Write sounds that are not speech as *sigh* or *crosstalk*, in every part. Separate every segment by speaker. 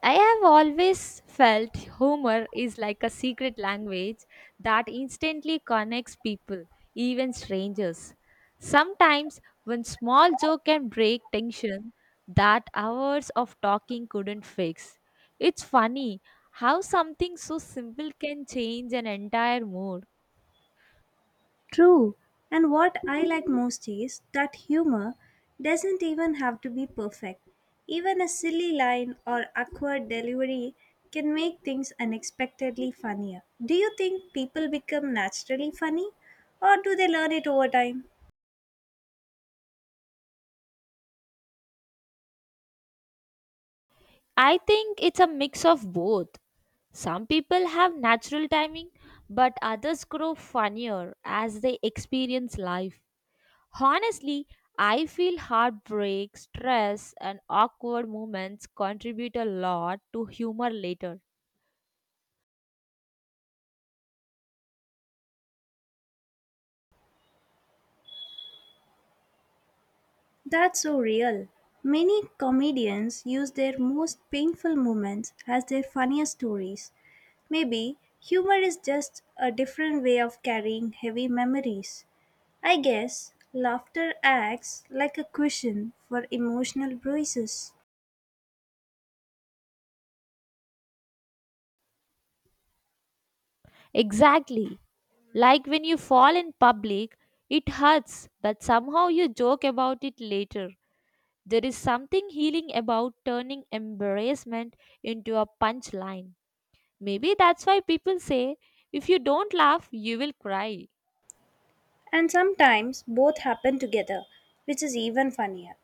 Speaker 1: I have always felt humor is like a secret language that instantly connects people, even strangers. Sometimes, one small joke can break tension that hours of talking couldn't fix. It's funny how something so simple can change an entire mood.
Speaker 2: True, and what I like most is that humor doesn't even have to be perfect. Even a silly line or awkward delivery can make things unexpectedly funnier. Do you think people become naturally funny or do they learn it over time?
Speaker 1: I think it's a mix of both. Some people have natural timing, but others grow funnier as they experience life. Honestly, I feel heartbreak, stress, and awkward moments contribute a lot to humor later.
Speaker 2: That's so real. Many comedians use their most painful moments as their funniest stories. Maybe humor is just a different way of carrying heavy memories. I guess laughter acts like a cushion for emotional bruises.
Speaker 1: Exactly. Like when you fall in public, it hurts, but somehow you joke about it later. There is something healing about turning embarrassment into a punchline. Maybe that's why people say if you don't laugh, you will cry.
Speaker 2: And sometimes both happen together, which is even funnier.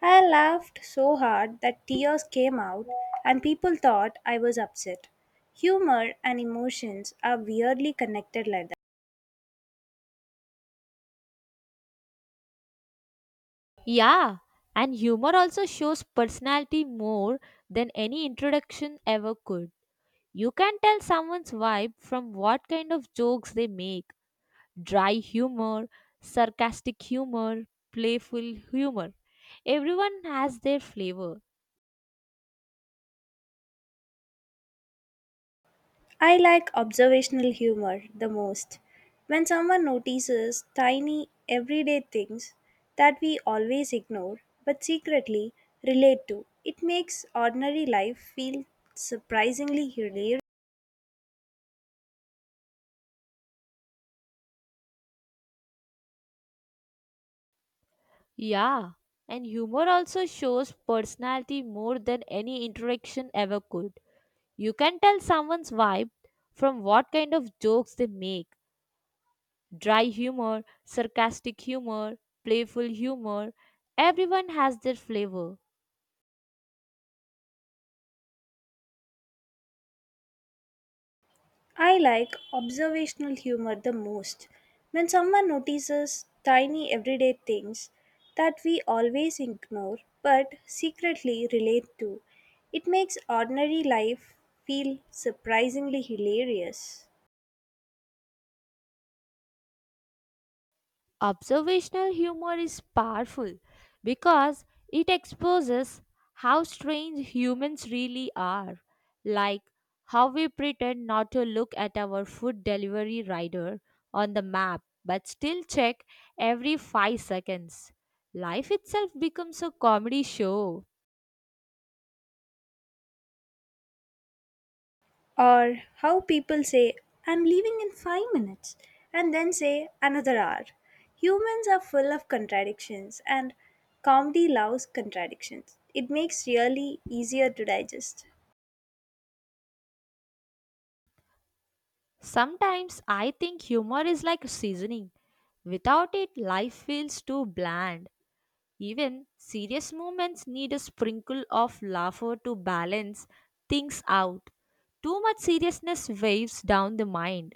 Speaker 2: I laughed so hard that tears came out and people thought I was upset. Humor and emotions are weirdly connected like that.
Speaker 1: Yeah, and humor also shows personality more than any introduction ever could. You can tell someone's vibe from what kind of jokes they make dry humor, sarcastic humor, playful humor. Everyone has their flavor.
Speaker 2: I like observational humor the most. When someone notices tiny everyday things that we always ignore but secretly relate to, it makes ordinary life feel surprisingly hilarious.
Speaker 1: Yeah, and humor also shows personality more than any interaction ever could. You can tell someone's vibe from what kind of jokes they make dry humor, sarcastic humor, playful humor. Everyone has their flavor.
Speaker 2: I like observational humor the most. When someone notices tiny everyday things that we always ignore but secretly relate to, it makes ordinary life feel surprisingly hilarious.
Speaker 1: Observational humor is powerful because it exposes how strange humans really are, like how we pretend not to look at our food delivery rider on the map but still check every 5 seconds. Life itself becomes a comedy show.
Speaker 2: Or how people say, I'm leaving in 5 minutes, and then say, another hour. Humans are full of contradictions, and comedy loves contradictions. It makes really easier to digest.
Speaker 1: Sometimes I think humor is like seasoning. Without it, life feels too bland. Even serious moments need a sprinkle of laughter to balance things out. Too much seriousness waves down the mind.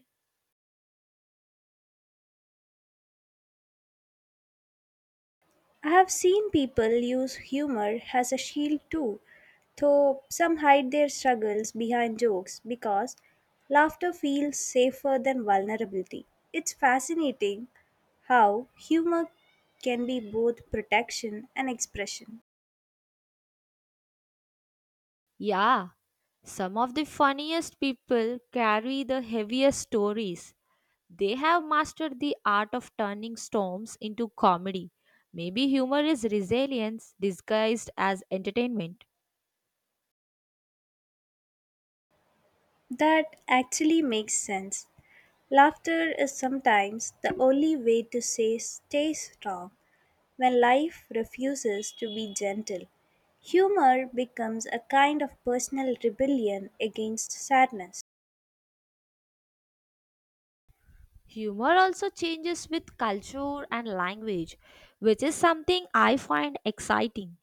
Speaker 2: I have seen people use humor as a shield too, though some hide their struggles behind jokes because laughter feels safer than vulnerability. It's fascinating how humor can be both protection and expression.
Speaker 1: Yeah, some of the funniest people carry the heaviest stories. They have mastered the art of turning storms into comedy. Maybe humor is resilience disguised as entertainment.
Speaker 2: That actually makes sense. Laughter is sometimes the only way to say stay strong when life refuses to be gentle. Humor becomes a kind of personal rebellion against sadness.
Speaker 1: Humor also changes with culture and language, which is something I find exciting.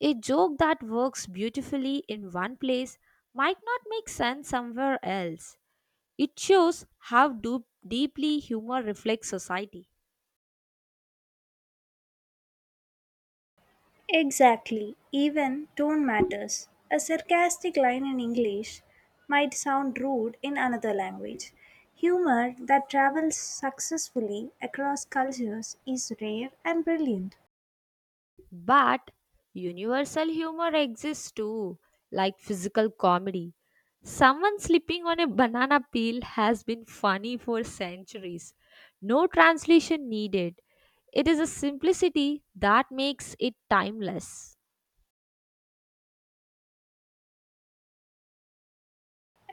Speaker 1: A joke that works beautifully in one place might not make sense somewhere else. It shows how deeply humor reflects society.
Speaker 2: Exactly, even tone matters. A sarcastic line in English might sound rude in another language. Humor that travels successfully across cultures is rare and brilliant.
Speaker 1: But universal humor exists too, like physical comedy. Someone slipping on a banana peel has been funny for centuries. No translation needed. It is a simplicity that makes it timeless.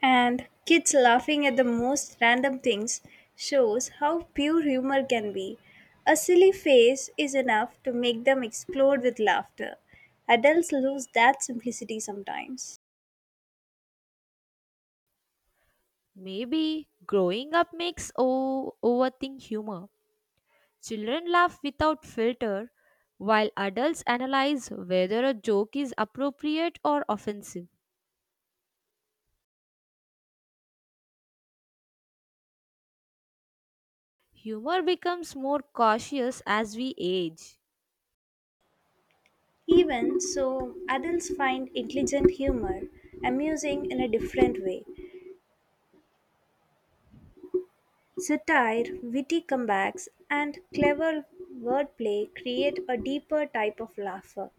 Speaker 2: And kids laughing at the most random things shows how pure humor can be. A silly face is enough to make them explode with laughter. Adults lose that simplicity sometimes.
Speaker 1: Maybe growing up makes overthink humor. Children laugh without filter, while adults analyze whether a joke is appropriate or offensive. Humor becomes more cautious as we age.
Speaker 2: Even so, adults find intelligent humor amusing in a different way. Satire, witty comebacks, and clever wordplay create a deeper type of laughter.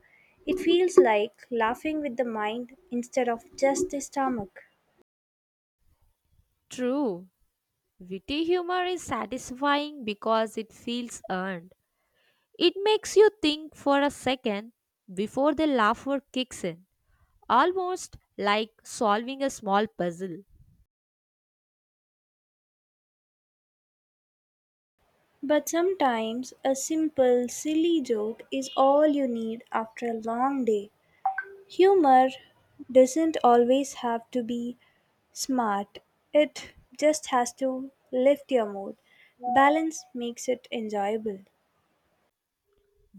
Speaker 2: It feels like laughing with the mind instead of just the stomach.
Speaker 1: True, witty humor is satisfying because it feels earned. It makes you think for a second before the laughter kicks in, almost like solving a small puzzle.
Speaker 2: But sometimes a simple, silly joke is all you need after a long day. Humor doesn't always have to be smart, it just has to lift your mood. Balance makes it enjoyable.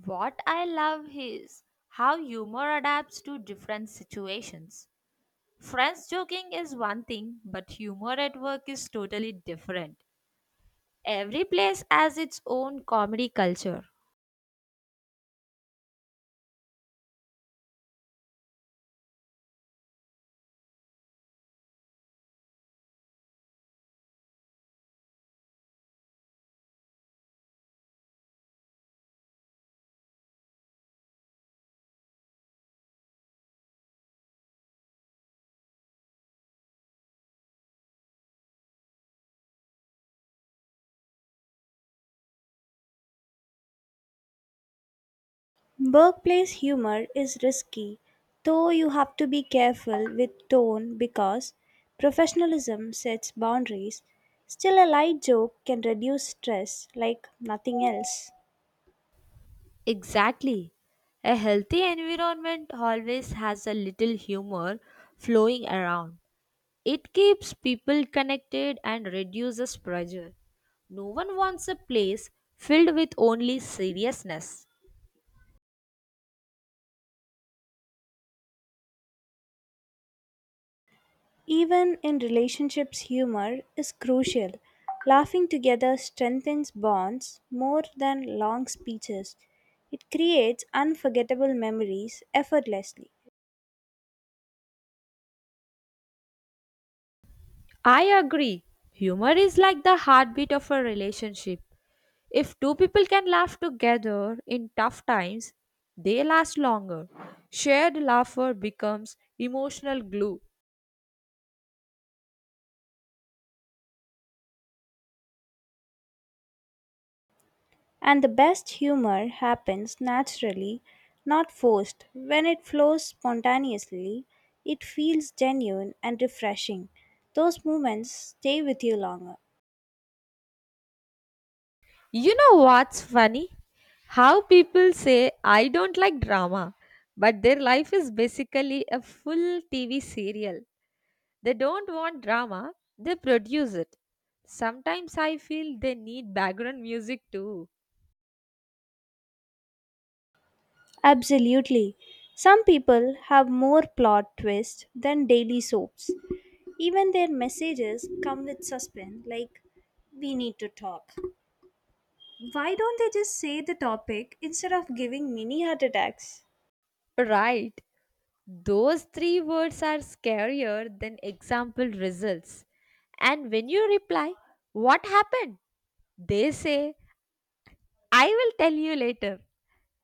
Speaker 1: What I love is how humor adapts to different situations. Friends joking is one thing, but humor at work is totally different. Every place has its own comedy culture.
Speaker 2: Workplace humor is risky, though you have to be careful with tone because professionalism sets boundaries. Still, a light joke can reduce stress like nothing else.
Speaker 1: Exactly. A healthy environment always has a little humor flowing around. It keeps people connected and reduces pressure. No one wants a place filled with only seriousness.
Speaker 2: Even in relationships, humor is crucial. Laughing together strengthens bonds more than long speeches. It creates unforgettable memories effortlessly.
Speaker 1: I agree. Humor is like the heartbeat of a relationship. If two people can laugh together in tough times, they last longer. Shared laughter becomes emotional glue.
Speaker 2: And the best humor happens naturally, not forced. When it flows spontaneously, it feels genuine and refreshing. Those moments stay with you longer.
Speaker 1: You know what's funny? How people say, I don't like drama, but their life is basically a full TV serial. They don't want drama, they produce it. Sometimes I feel they need background music too.
Speaker 2: Absolutely. Some people have more plot twists than daily soaps. Even their messages come with suspense, like, we need to talk. Why don't they just say the topic instead of giving mini heart attacks?
Speaker 1: Right. Those three words are scarier than example results. And when you reply, what happened? They say, I will tell you later.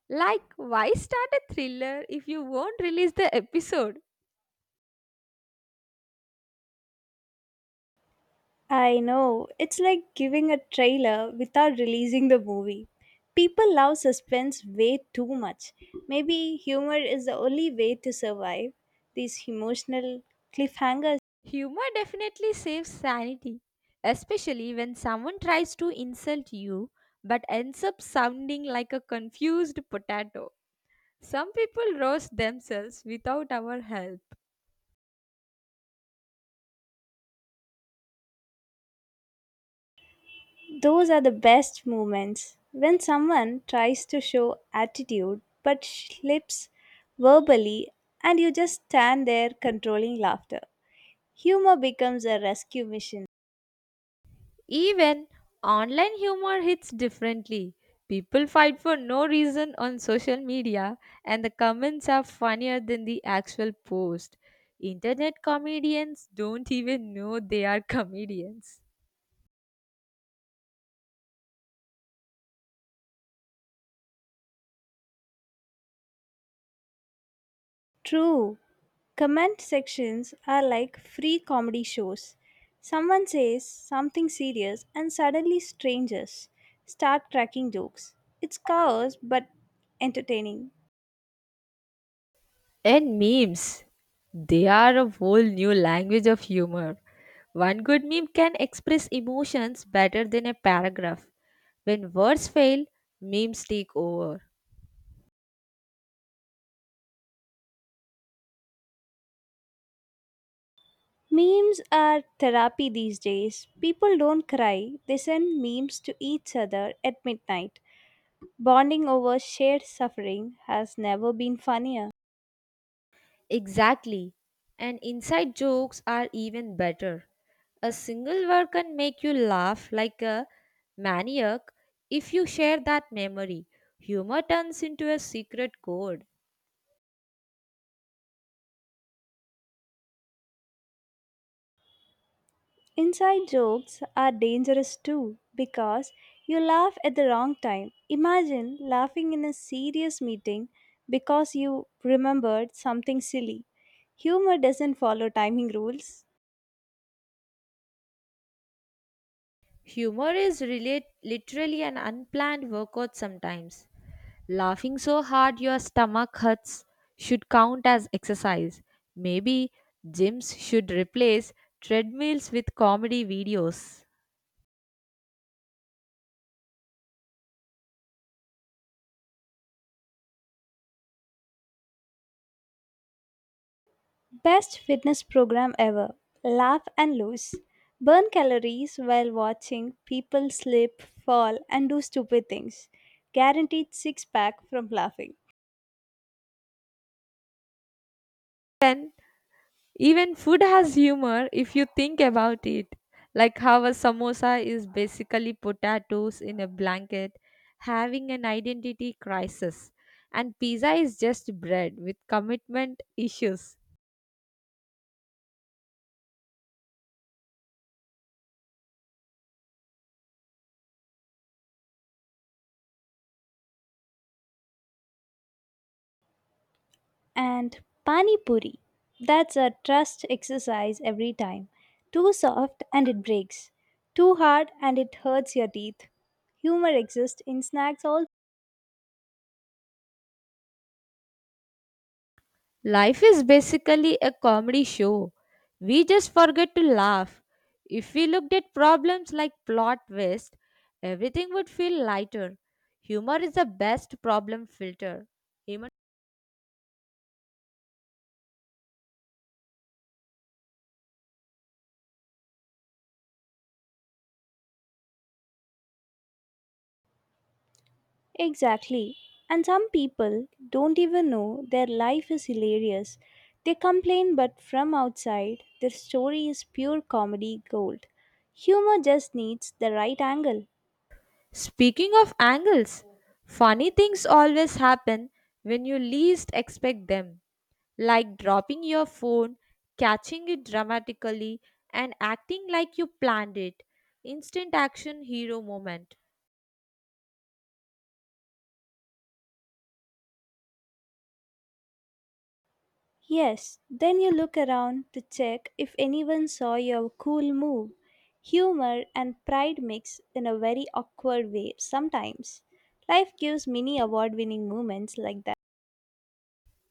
Speaker 1: Like, why start a thriller if you won't release the episode?
Speaker 2: I know, it's like giving a trailer without releasing the movie. People love suspense way too much. Maybe humor is the only way to survive these emotional cliffhangers.
Speaker 1: Humor definitely saves sanity, especially when someone tries to insult you but ends up sounding like a confused potato. Some people roast themselves without our help.
Speaker 2: Those are the best moments when someone tries to show attitude but slips verbally, and you just stand there controlling laughter. Humor becomes a rescue mission.
Speaker 1: Even online humor hits differently. People fight for no reason on social media, and the comments are funnier than the actual post. Internet comedians don't even know they are *laughs* comedians.
Speaker 2: True, comment sections are like free comedy shows. Someone says something serious, and suddenly strangers start cracking jokes. It's chaos but entertaining.
Speaker 1: And memes, they are a whole new language of humor. One good meme can express emotions better than a paragraph. When words fail, memes take over.
Speaker 2: Memes are therapy these days. People don't cry, they send memes to each other at midnight. Bonding over shared suffering has never been funnier.
Speaker 1: Exactly. And inside jokes are even better. A single word can make you laugh like a maniac if you share that memory. Humor turns into a secret code.
Speaker 2: Inside jokes are dangerous too because you laugh at the wrong time. Imagine laughing in a serious meeting because you remembered something silly. Humor doesn't follow timing rules.
Speaker 1: Humor is relate, literally an unplanned workout sometimes. Laughing so hard your stomach hurts should count as exercise. Maybe gyms should replace treadmills with comedy videos.
Speaker 2: Best fitness program ever. Laugh and lose. Burn calories while watching people slip, fall, and do stupid things. Guaranteed six pack from laughing.
Speaker 1: Then even food has humor if you think about it. Like how a samosa is basically potatoes in a blanket having an identity crisis, and pizza is just bread with commitment issues.
Speaker 2: And Pani Puri. That's a trust exercise every time. Too soft and it breaks. Too hard and it hurts your teeth. Humor exists in snacks also.
Speaker 1: Life is basically a comedy show. We just forget to laugh. If we looked at problems like plot twist, everything would feel lighter. Humor is the best problem filter.
Speaker 2: Exactly. And some people don't even know their life is hilarious. They complain, but from outside, their story is pure comedy gold. Humor just needs the right angle.
Speaker 1: Speaking of angles, funny things always happen when you least expect them, like dropping your phone, catching it dramatically, and acting like you planned it. Instant action hero moment.
Speaker 2: Yes, then you look around to check if anyone saw your cool move. Humor and pride mix in a very awkward way sometimes. Life gives many award winning moments like that.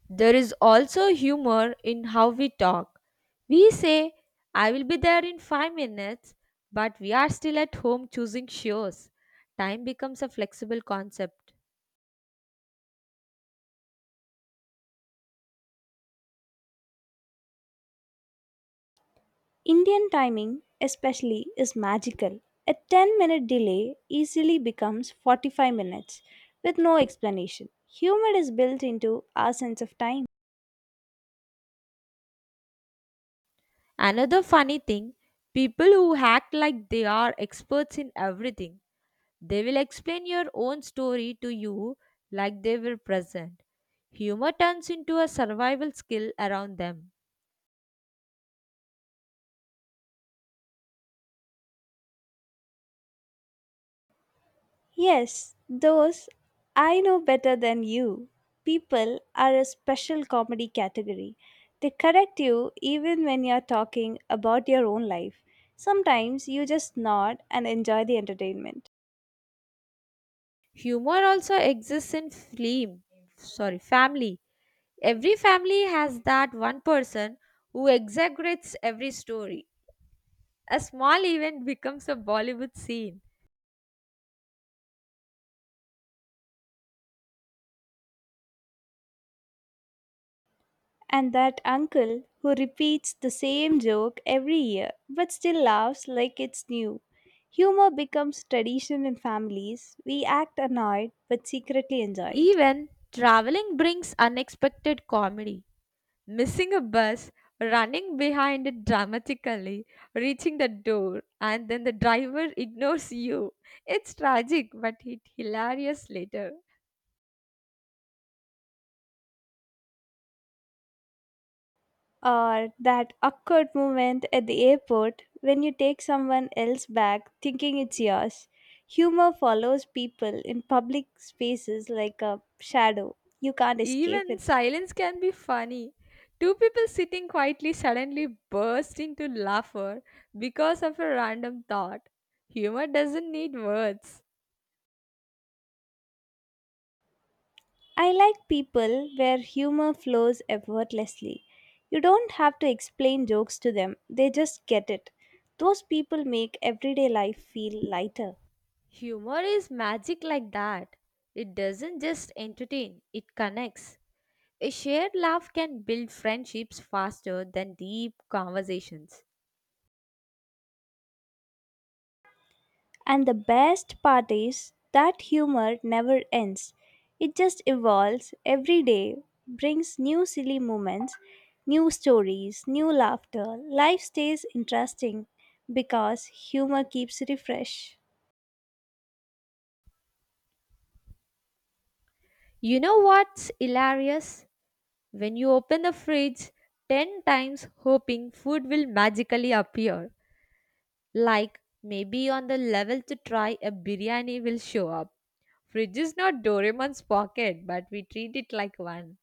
Speaker 1: There is also humor in how we talk. We say, I will be there in 5 minutes, but we are still at home choosing shows. Time becomes a flexible concept.
Speaker 2: Indian timing, especially, is magical. A 10-minute delay easily becomes 45 minutes with no explanation. Humor is built into our sense of time.
Speaker 1: Another funny thing, people who act like they are experts in everything. They will explain your own story to you like they were present. Humor turns into a survival skill around them.
Speaker 2: Yes, those I know better than you people are a special comedy category. They correct you even when you're talking about your own life. Sometimes you just nod and enjoy the entertainment.
Speaker 1: Humor also exists in film, sorry, family. Every family has that one person who exaggerates every story. A small event becomes a Bollywood scene.
Speaker 2: And that uncle who repeats the same joke every year but still laughs like it's new. Humor becomes tradition in families. We act annoyed but secretly enjoy it.
Speaker 1: Even traveling brings unexpected comedy. Missing a bus, running behind it dramatically, reaching the door, and then the driver ignores you. It's tragic, but it hilarious later.
Speaker 2: Or that awkward moment at the airport when you take someone else's bag thinking it's yours. Humor follows people in public spaces like a shadow. You can't escape
Speaker 1: Even
Speaker 2: it.
Speaker 1: silence can be funny. Two people sitting quietly suddenly burst into laughter because of a random thought. Humor doesn't need words.
Speaker 2: I like people where humor flows effortlessly. You don't have to explain jokes to them, they just get it. Those people make everyday life feel lighter.
Speaker 1: Humor is magic like that. It doesn't just entertain, it connects. A shared laugh can build friendships faster than deep conversations.
Speaker 2: And the best part is that humor never ends, it just evolves every day, brings new silly moments, new stories, new laughter. Life stays interesting because humor keeps refresh.
Speaker 1: You know what's hilarious? When you open the fridge 10 times hoping food will magically appear, like maybe on the level to try a biryani will show up. Fridge is not Doraemon's pocket, but we treat it like one.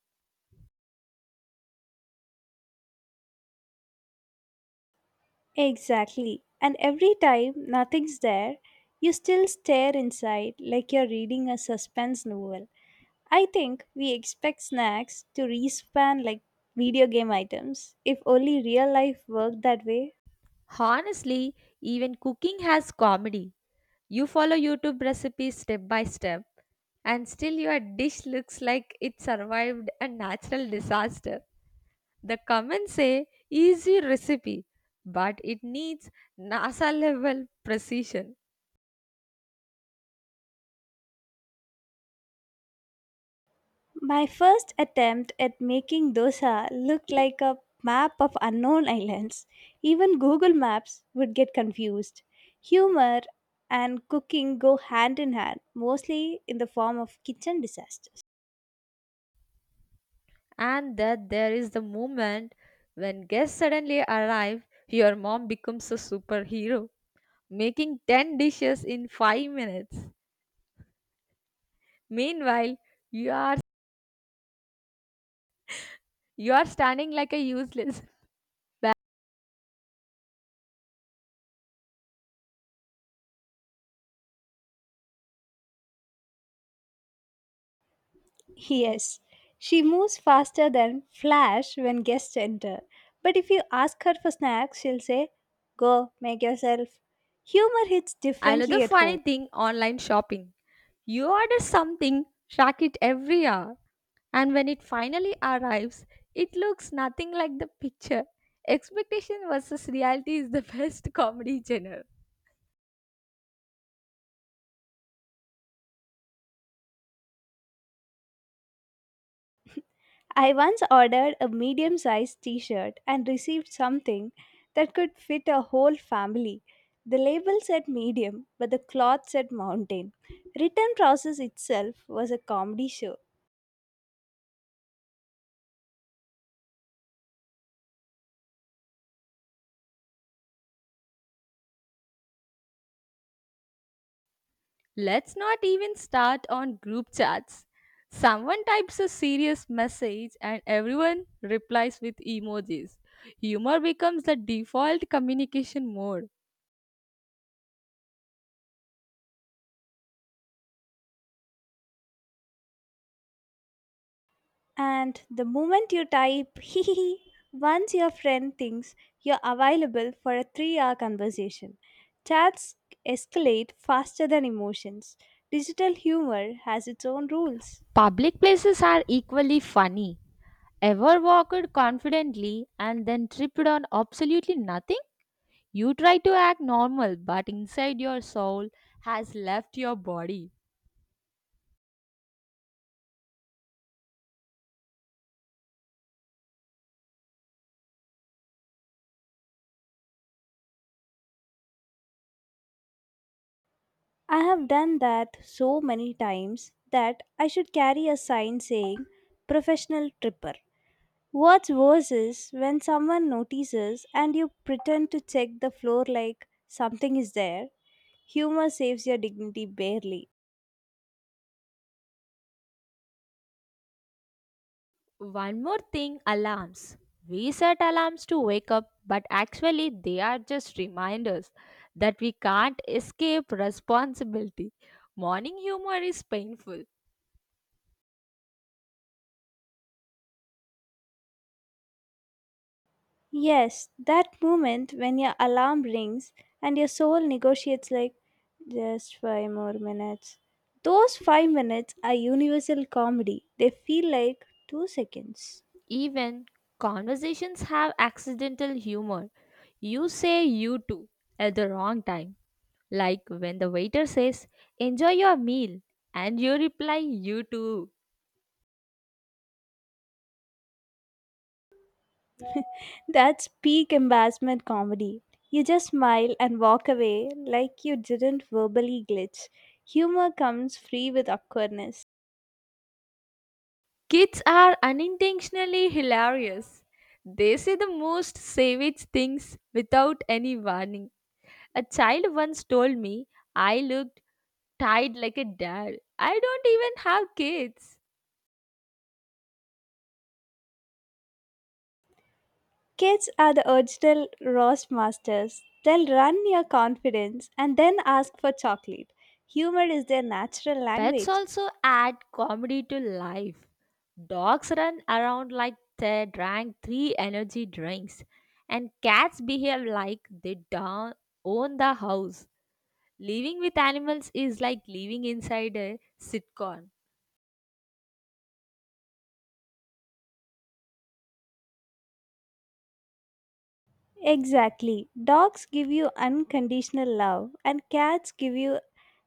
Speaker 2: Exactly. And every time nothing's there, you still stare inside like you're reading a suspense novel. I think we expect snacks to respan like video game items. If only real life worked that way.
Speaker 1: Honestly, even cooking has comedy. You follow YouTube recipes step by step, and still your dish looks like it survived a natural disaster. The comments say easy recipe, but it needs NASA level precision.
Speaker 2: My first attempt at making dosa looked like a map of unknown *laughs* islands. Even Google Maps would get confused. Humor and cooking go hand in hand, mostly in the form of kitchen disaster.
Speaker 1: And that there is the moment when guests suddenly arrive, your mom becomes a superhero, making 10 dishes in 5 minutes. Meanwhile, you are you are standing like a useless.
Speaker 2: Yes, she moves faster than Flash when guests enter. But if you ask her for snacks, she'll say, Go, make yourself. Humor hits
Speaker 1: Another
Speaker 2: differently at
Speaker 1: funny
Speaker 2: home.
Speaker 1: thing, online shopping. You order something, track it every hour, and when it finally arrives, it looks nothing like the picture. Expectation versus reality is the *laughs* best comedy genre.
Speaker 2: I once ordered a medium sized t shirt and received something that could fit a whole family. The label said medium, but the cloth said mountain. Return process itself was a comedy show.
Speaker 1: Let's not even start on group chats. Someone types a serious message and everyone replies with emojis. Humor becomes the default communication mode.
Speaker 2: And the moment you type *laughs* hee hee hee, once your friend thinks you're available for a 3 hour conversation. Chats escalate faster than emotions. Digital humor has its own rules.
Speaker 1: Public places are equally funny. Ever walked confidently and then tripped on absolutely nothing? You try to act normal, but inside your soul has left your body.
Speaker 2: I have done that so many times that I should carry a sign saying professional tripper. What's worse is when someone notices and you pretend to check the floor like something is there. Humor saves your dignity barely.
Speaker 1: One more thing, alarms. We set alarms to wake up, but actually, they are just reminders that we can't escape responsibility. Morning humor is painful.
Speaker 2: Yes, that moment when your alarm rings and your soul negotiates like just 5 more minutes. Those 5 minutes are universal comedy. They feel like 2 seconds.
Speaker 1: Even conversations have accidental humor. You say you too at the wrong time. Like when the waiter says, enjoy your meal, and you reply, you too.
Speaker 2: That's peak embarrassment comedy. You just smile and walk away like you didn't verbally glitch. Humor comes free with awkwardness.
Speaker 1: Kids are unintentionally hilarious. They say the most savage things without any warning. A child once told me I looked tied like a dad. I don't even have kids.
Speaker 2: Kids are the original roast masters. They'll run your confidence and then ask for chocolate. Humor is their natural
Speaker 1: Pets
Speaker 2: language.
Speaker 1: also add comedy to life. Dogs run around like they drank three energy drinks, and cats behave like they don't own the house. Living with animals is like living inside a sitcom.
Speaker 2: Exactly. Dogs give you unconditional love, and cats give you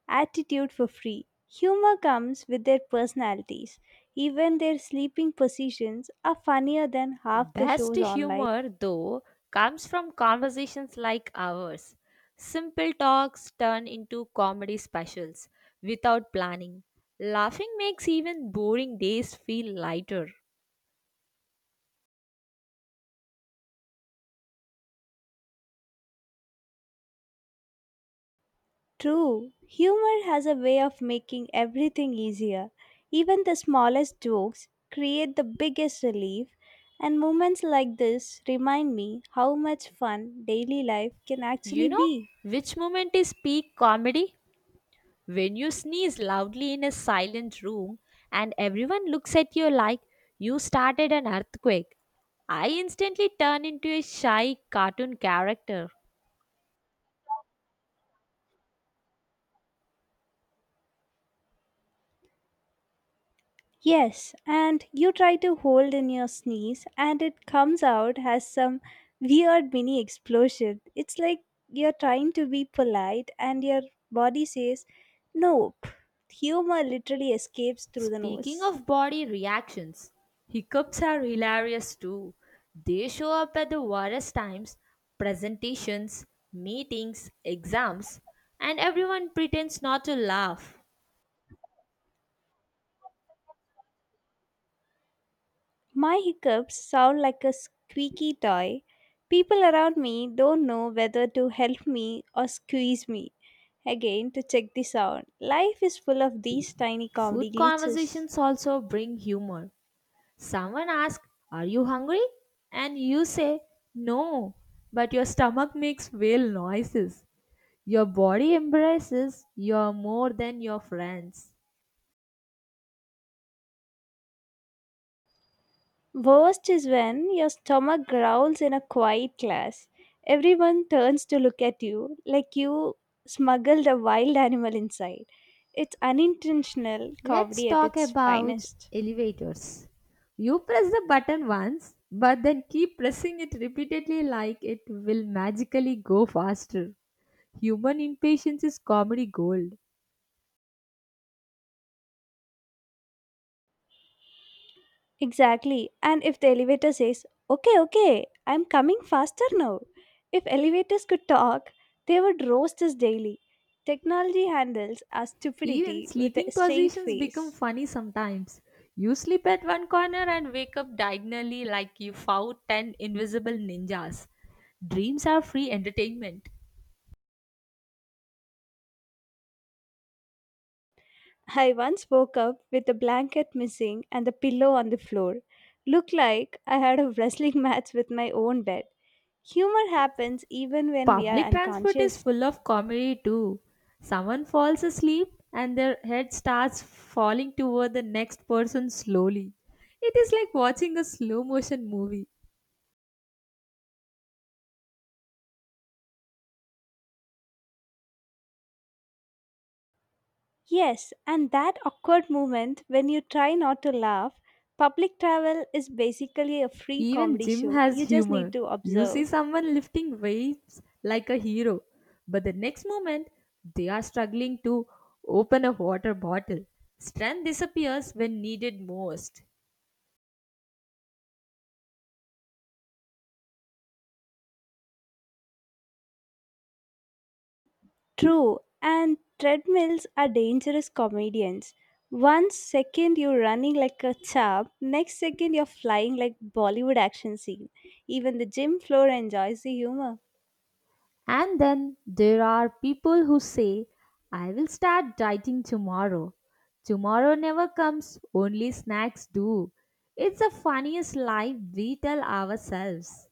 Speaker 2: attitude for free. Humor comes with their personalities. Even their sleeping positions are funnier than half the
Speaker 1: Best
Speaker 2: shows online.
Speaker 1: humor, though, comes from conversations like ours. Simple talks turn into comedy specials without planning. Laughing makes even boring days feel lighter.
Speaker 2: True, humor has a way of making everything easier. Even the smallest jokes create the biggest relief, and moments like this remind me how much fun daily life can
Speaker 1: You
Speaker 2: actually
Speaker 1: know,
Speaker 2: be.
Speaker 1: which moment is peak comedy? When you sneeze loudly in a silent room and everyone looks at you like you started an earthquake. I instantly turn into a shy cartoon character.
Speaker 2: Yes, and you try to hold in your sneeze, and it comes out as some weird mini explosion. It's like you're trying to be polite, and your body says, Nope. Humor literally escapes through the
Speaker 1: Speaking
Speaker 2: nose.
Speaker 1: of body reactions, hiccups are hilarious too. They show up at the worst times, presentations, meetings, exams, and everyone pretends not to laugh.
Speaker 2: My hiccups sound like a squeaky toy. People around me don't know whether to help me or squeeze me again to check the sound. Life is full of these tiny comedy
Speaker 1: Food
Speaker 2: glitches.
Speaker 1: conversations also bring humor. Someone asks, are you hungry? And you say, no, but your stomach makes whale noises. Your body embraces you more than your friends.
Speaker 2: Worst is when your stomach growls in a quiet class. Everyone turns to look at you like you smuggled a wild animal inside. It's unintentional
Speaker 1: Let's
Speaker 2: comedy at
Speaker 1: talk
Speaker 2: its
Speaker 1: about
Speaker 2: finest.
Speaker 1: elevators. You press the button once, but then keep pressing it repeatedly like it will magically go faster. Human impatience is comedy gold.
Speaker 2: Exactly. And if the elevator says, okay, okay, I'm coming faster now. If elevators could talk, they would roast us daily. Technology handles our
Speaker 1: Even
Speaker 2: stupidity with a
Speaker 1: sleeping
Speaker 2: straight
Speaker 1: positions become
Speaker 2: face.
Speaker 1: funny sometimes. You sleep at one corner and wake up diagonally like you fought 10 invisible ninjas. Dreams are free entertainment.
Speaker 2: I once woke up with the blanket missing and the pillow on the floor. Looked like I had a wrestling *laughs* match with my own bed. Humor happens even when we are
Speaker 1: Public transport is
Speaker 2: unconscious.
Speaker 1: full of comedy too. Someone falls asleep and their head starts falling toward the next person slowly. It is like watching a slow motion movie.
Speaker 2: Yes, and that awkward moment when you try not to laugh, public travel is basically a free
Speaker 1: Even
Speaker 2: comedy
Speaker 1: Jim
Speaker 2: show. You
Speaker 1: has
Speaker 2: just need
Speaker 1: humor.
Speaker 2: to
Speaker 1: You see
Speaker 2: observe.
Speaker 1: someone lifting weights like a hero, but the next moment they are struggling to open a water bottle. Strength disappears when needed most.
Speaker 2: True, and treadmills are dangerous comedians. One second you're running like a chap, next second you're flying like Bollywood action scene. Even the gym floor enjoys the humor.
Speaker 1: And then there are people who say, I will start dieting tomorrow. Tomorrow never comes, only snacks do. It's the funniest lie we tell ourselves.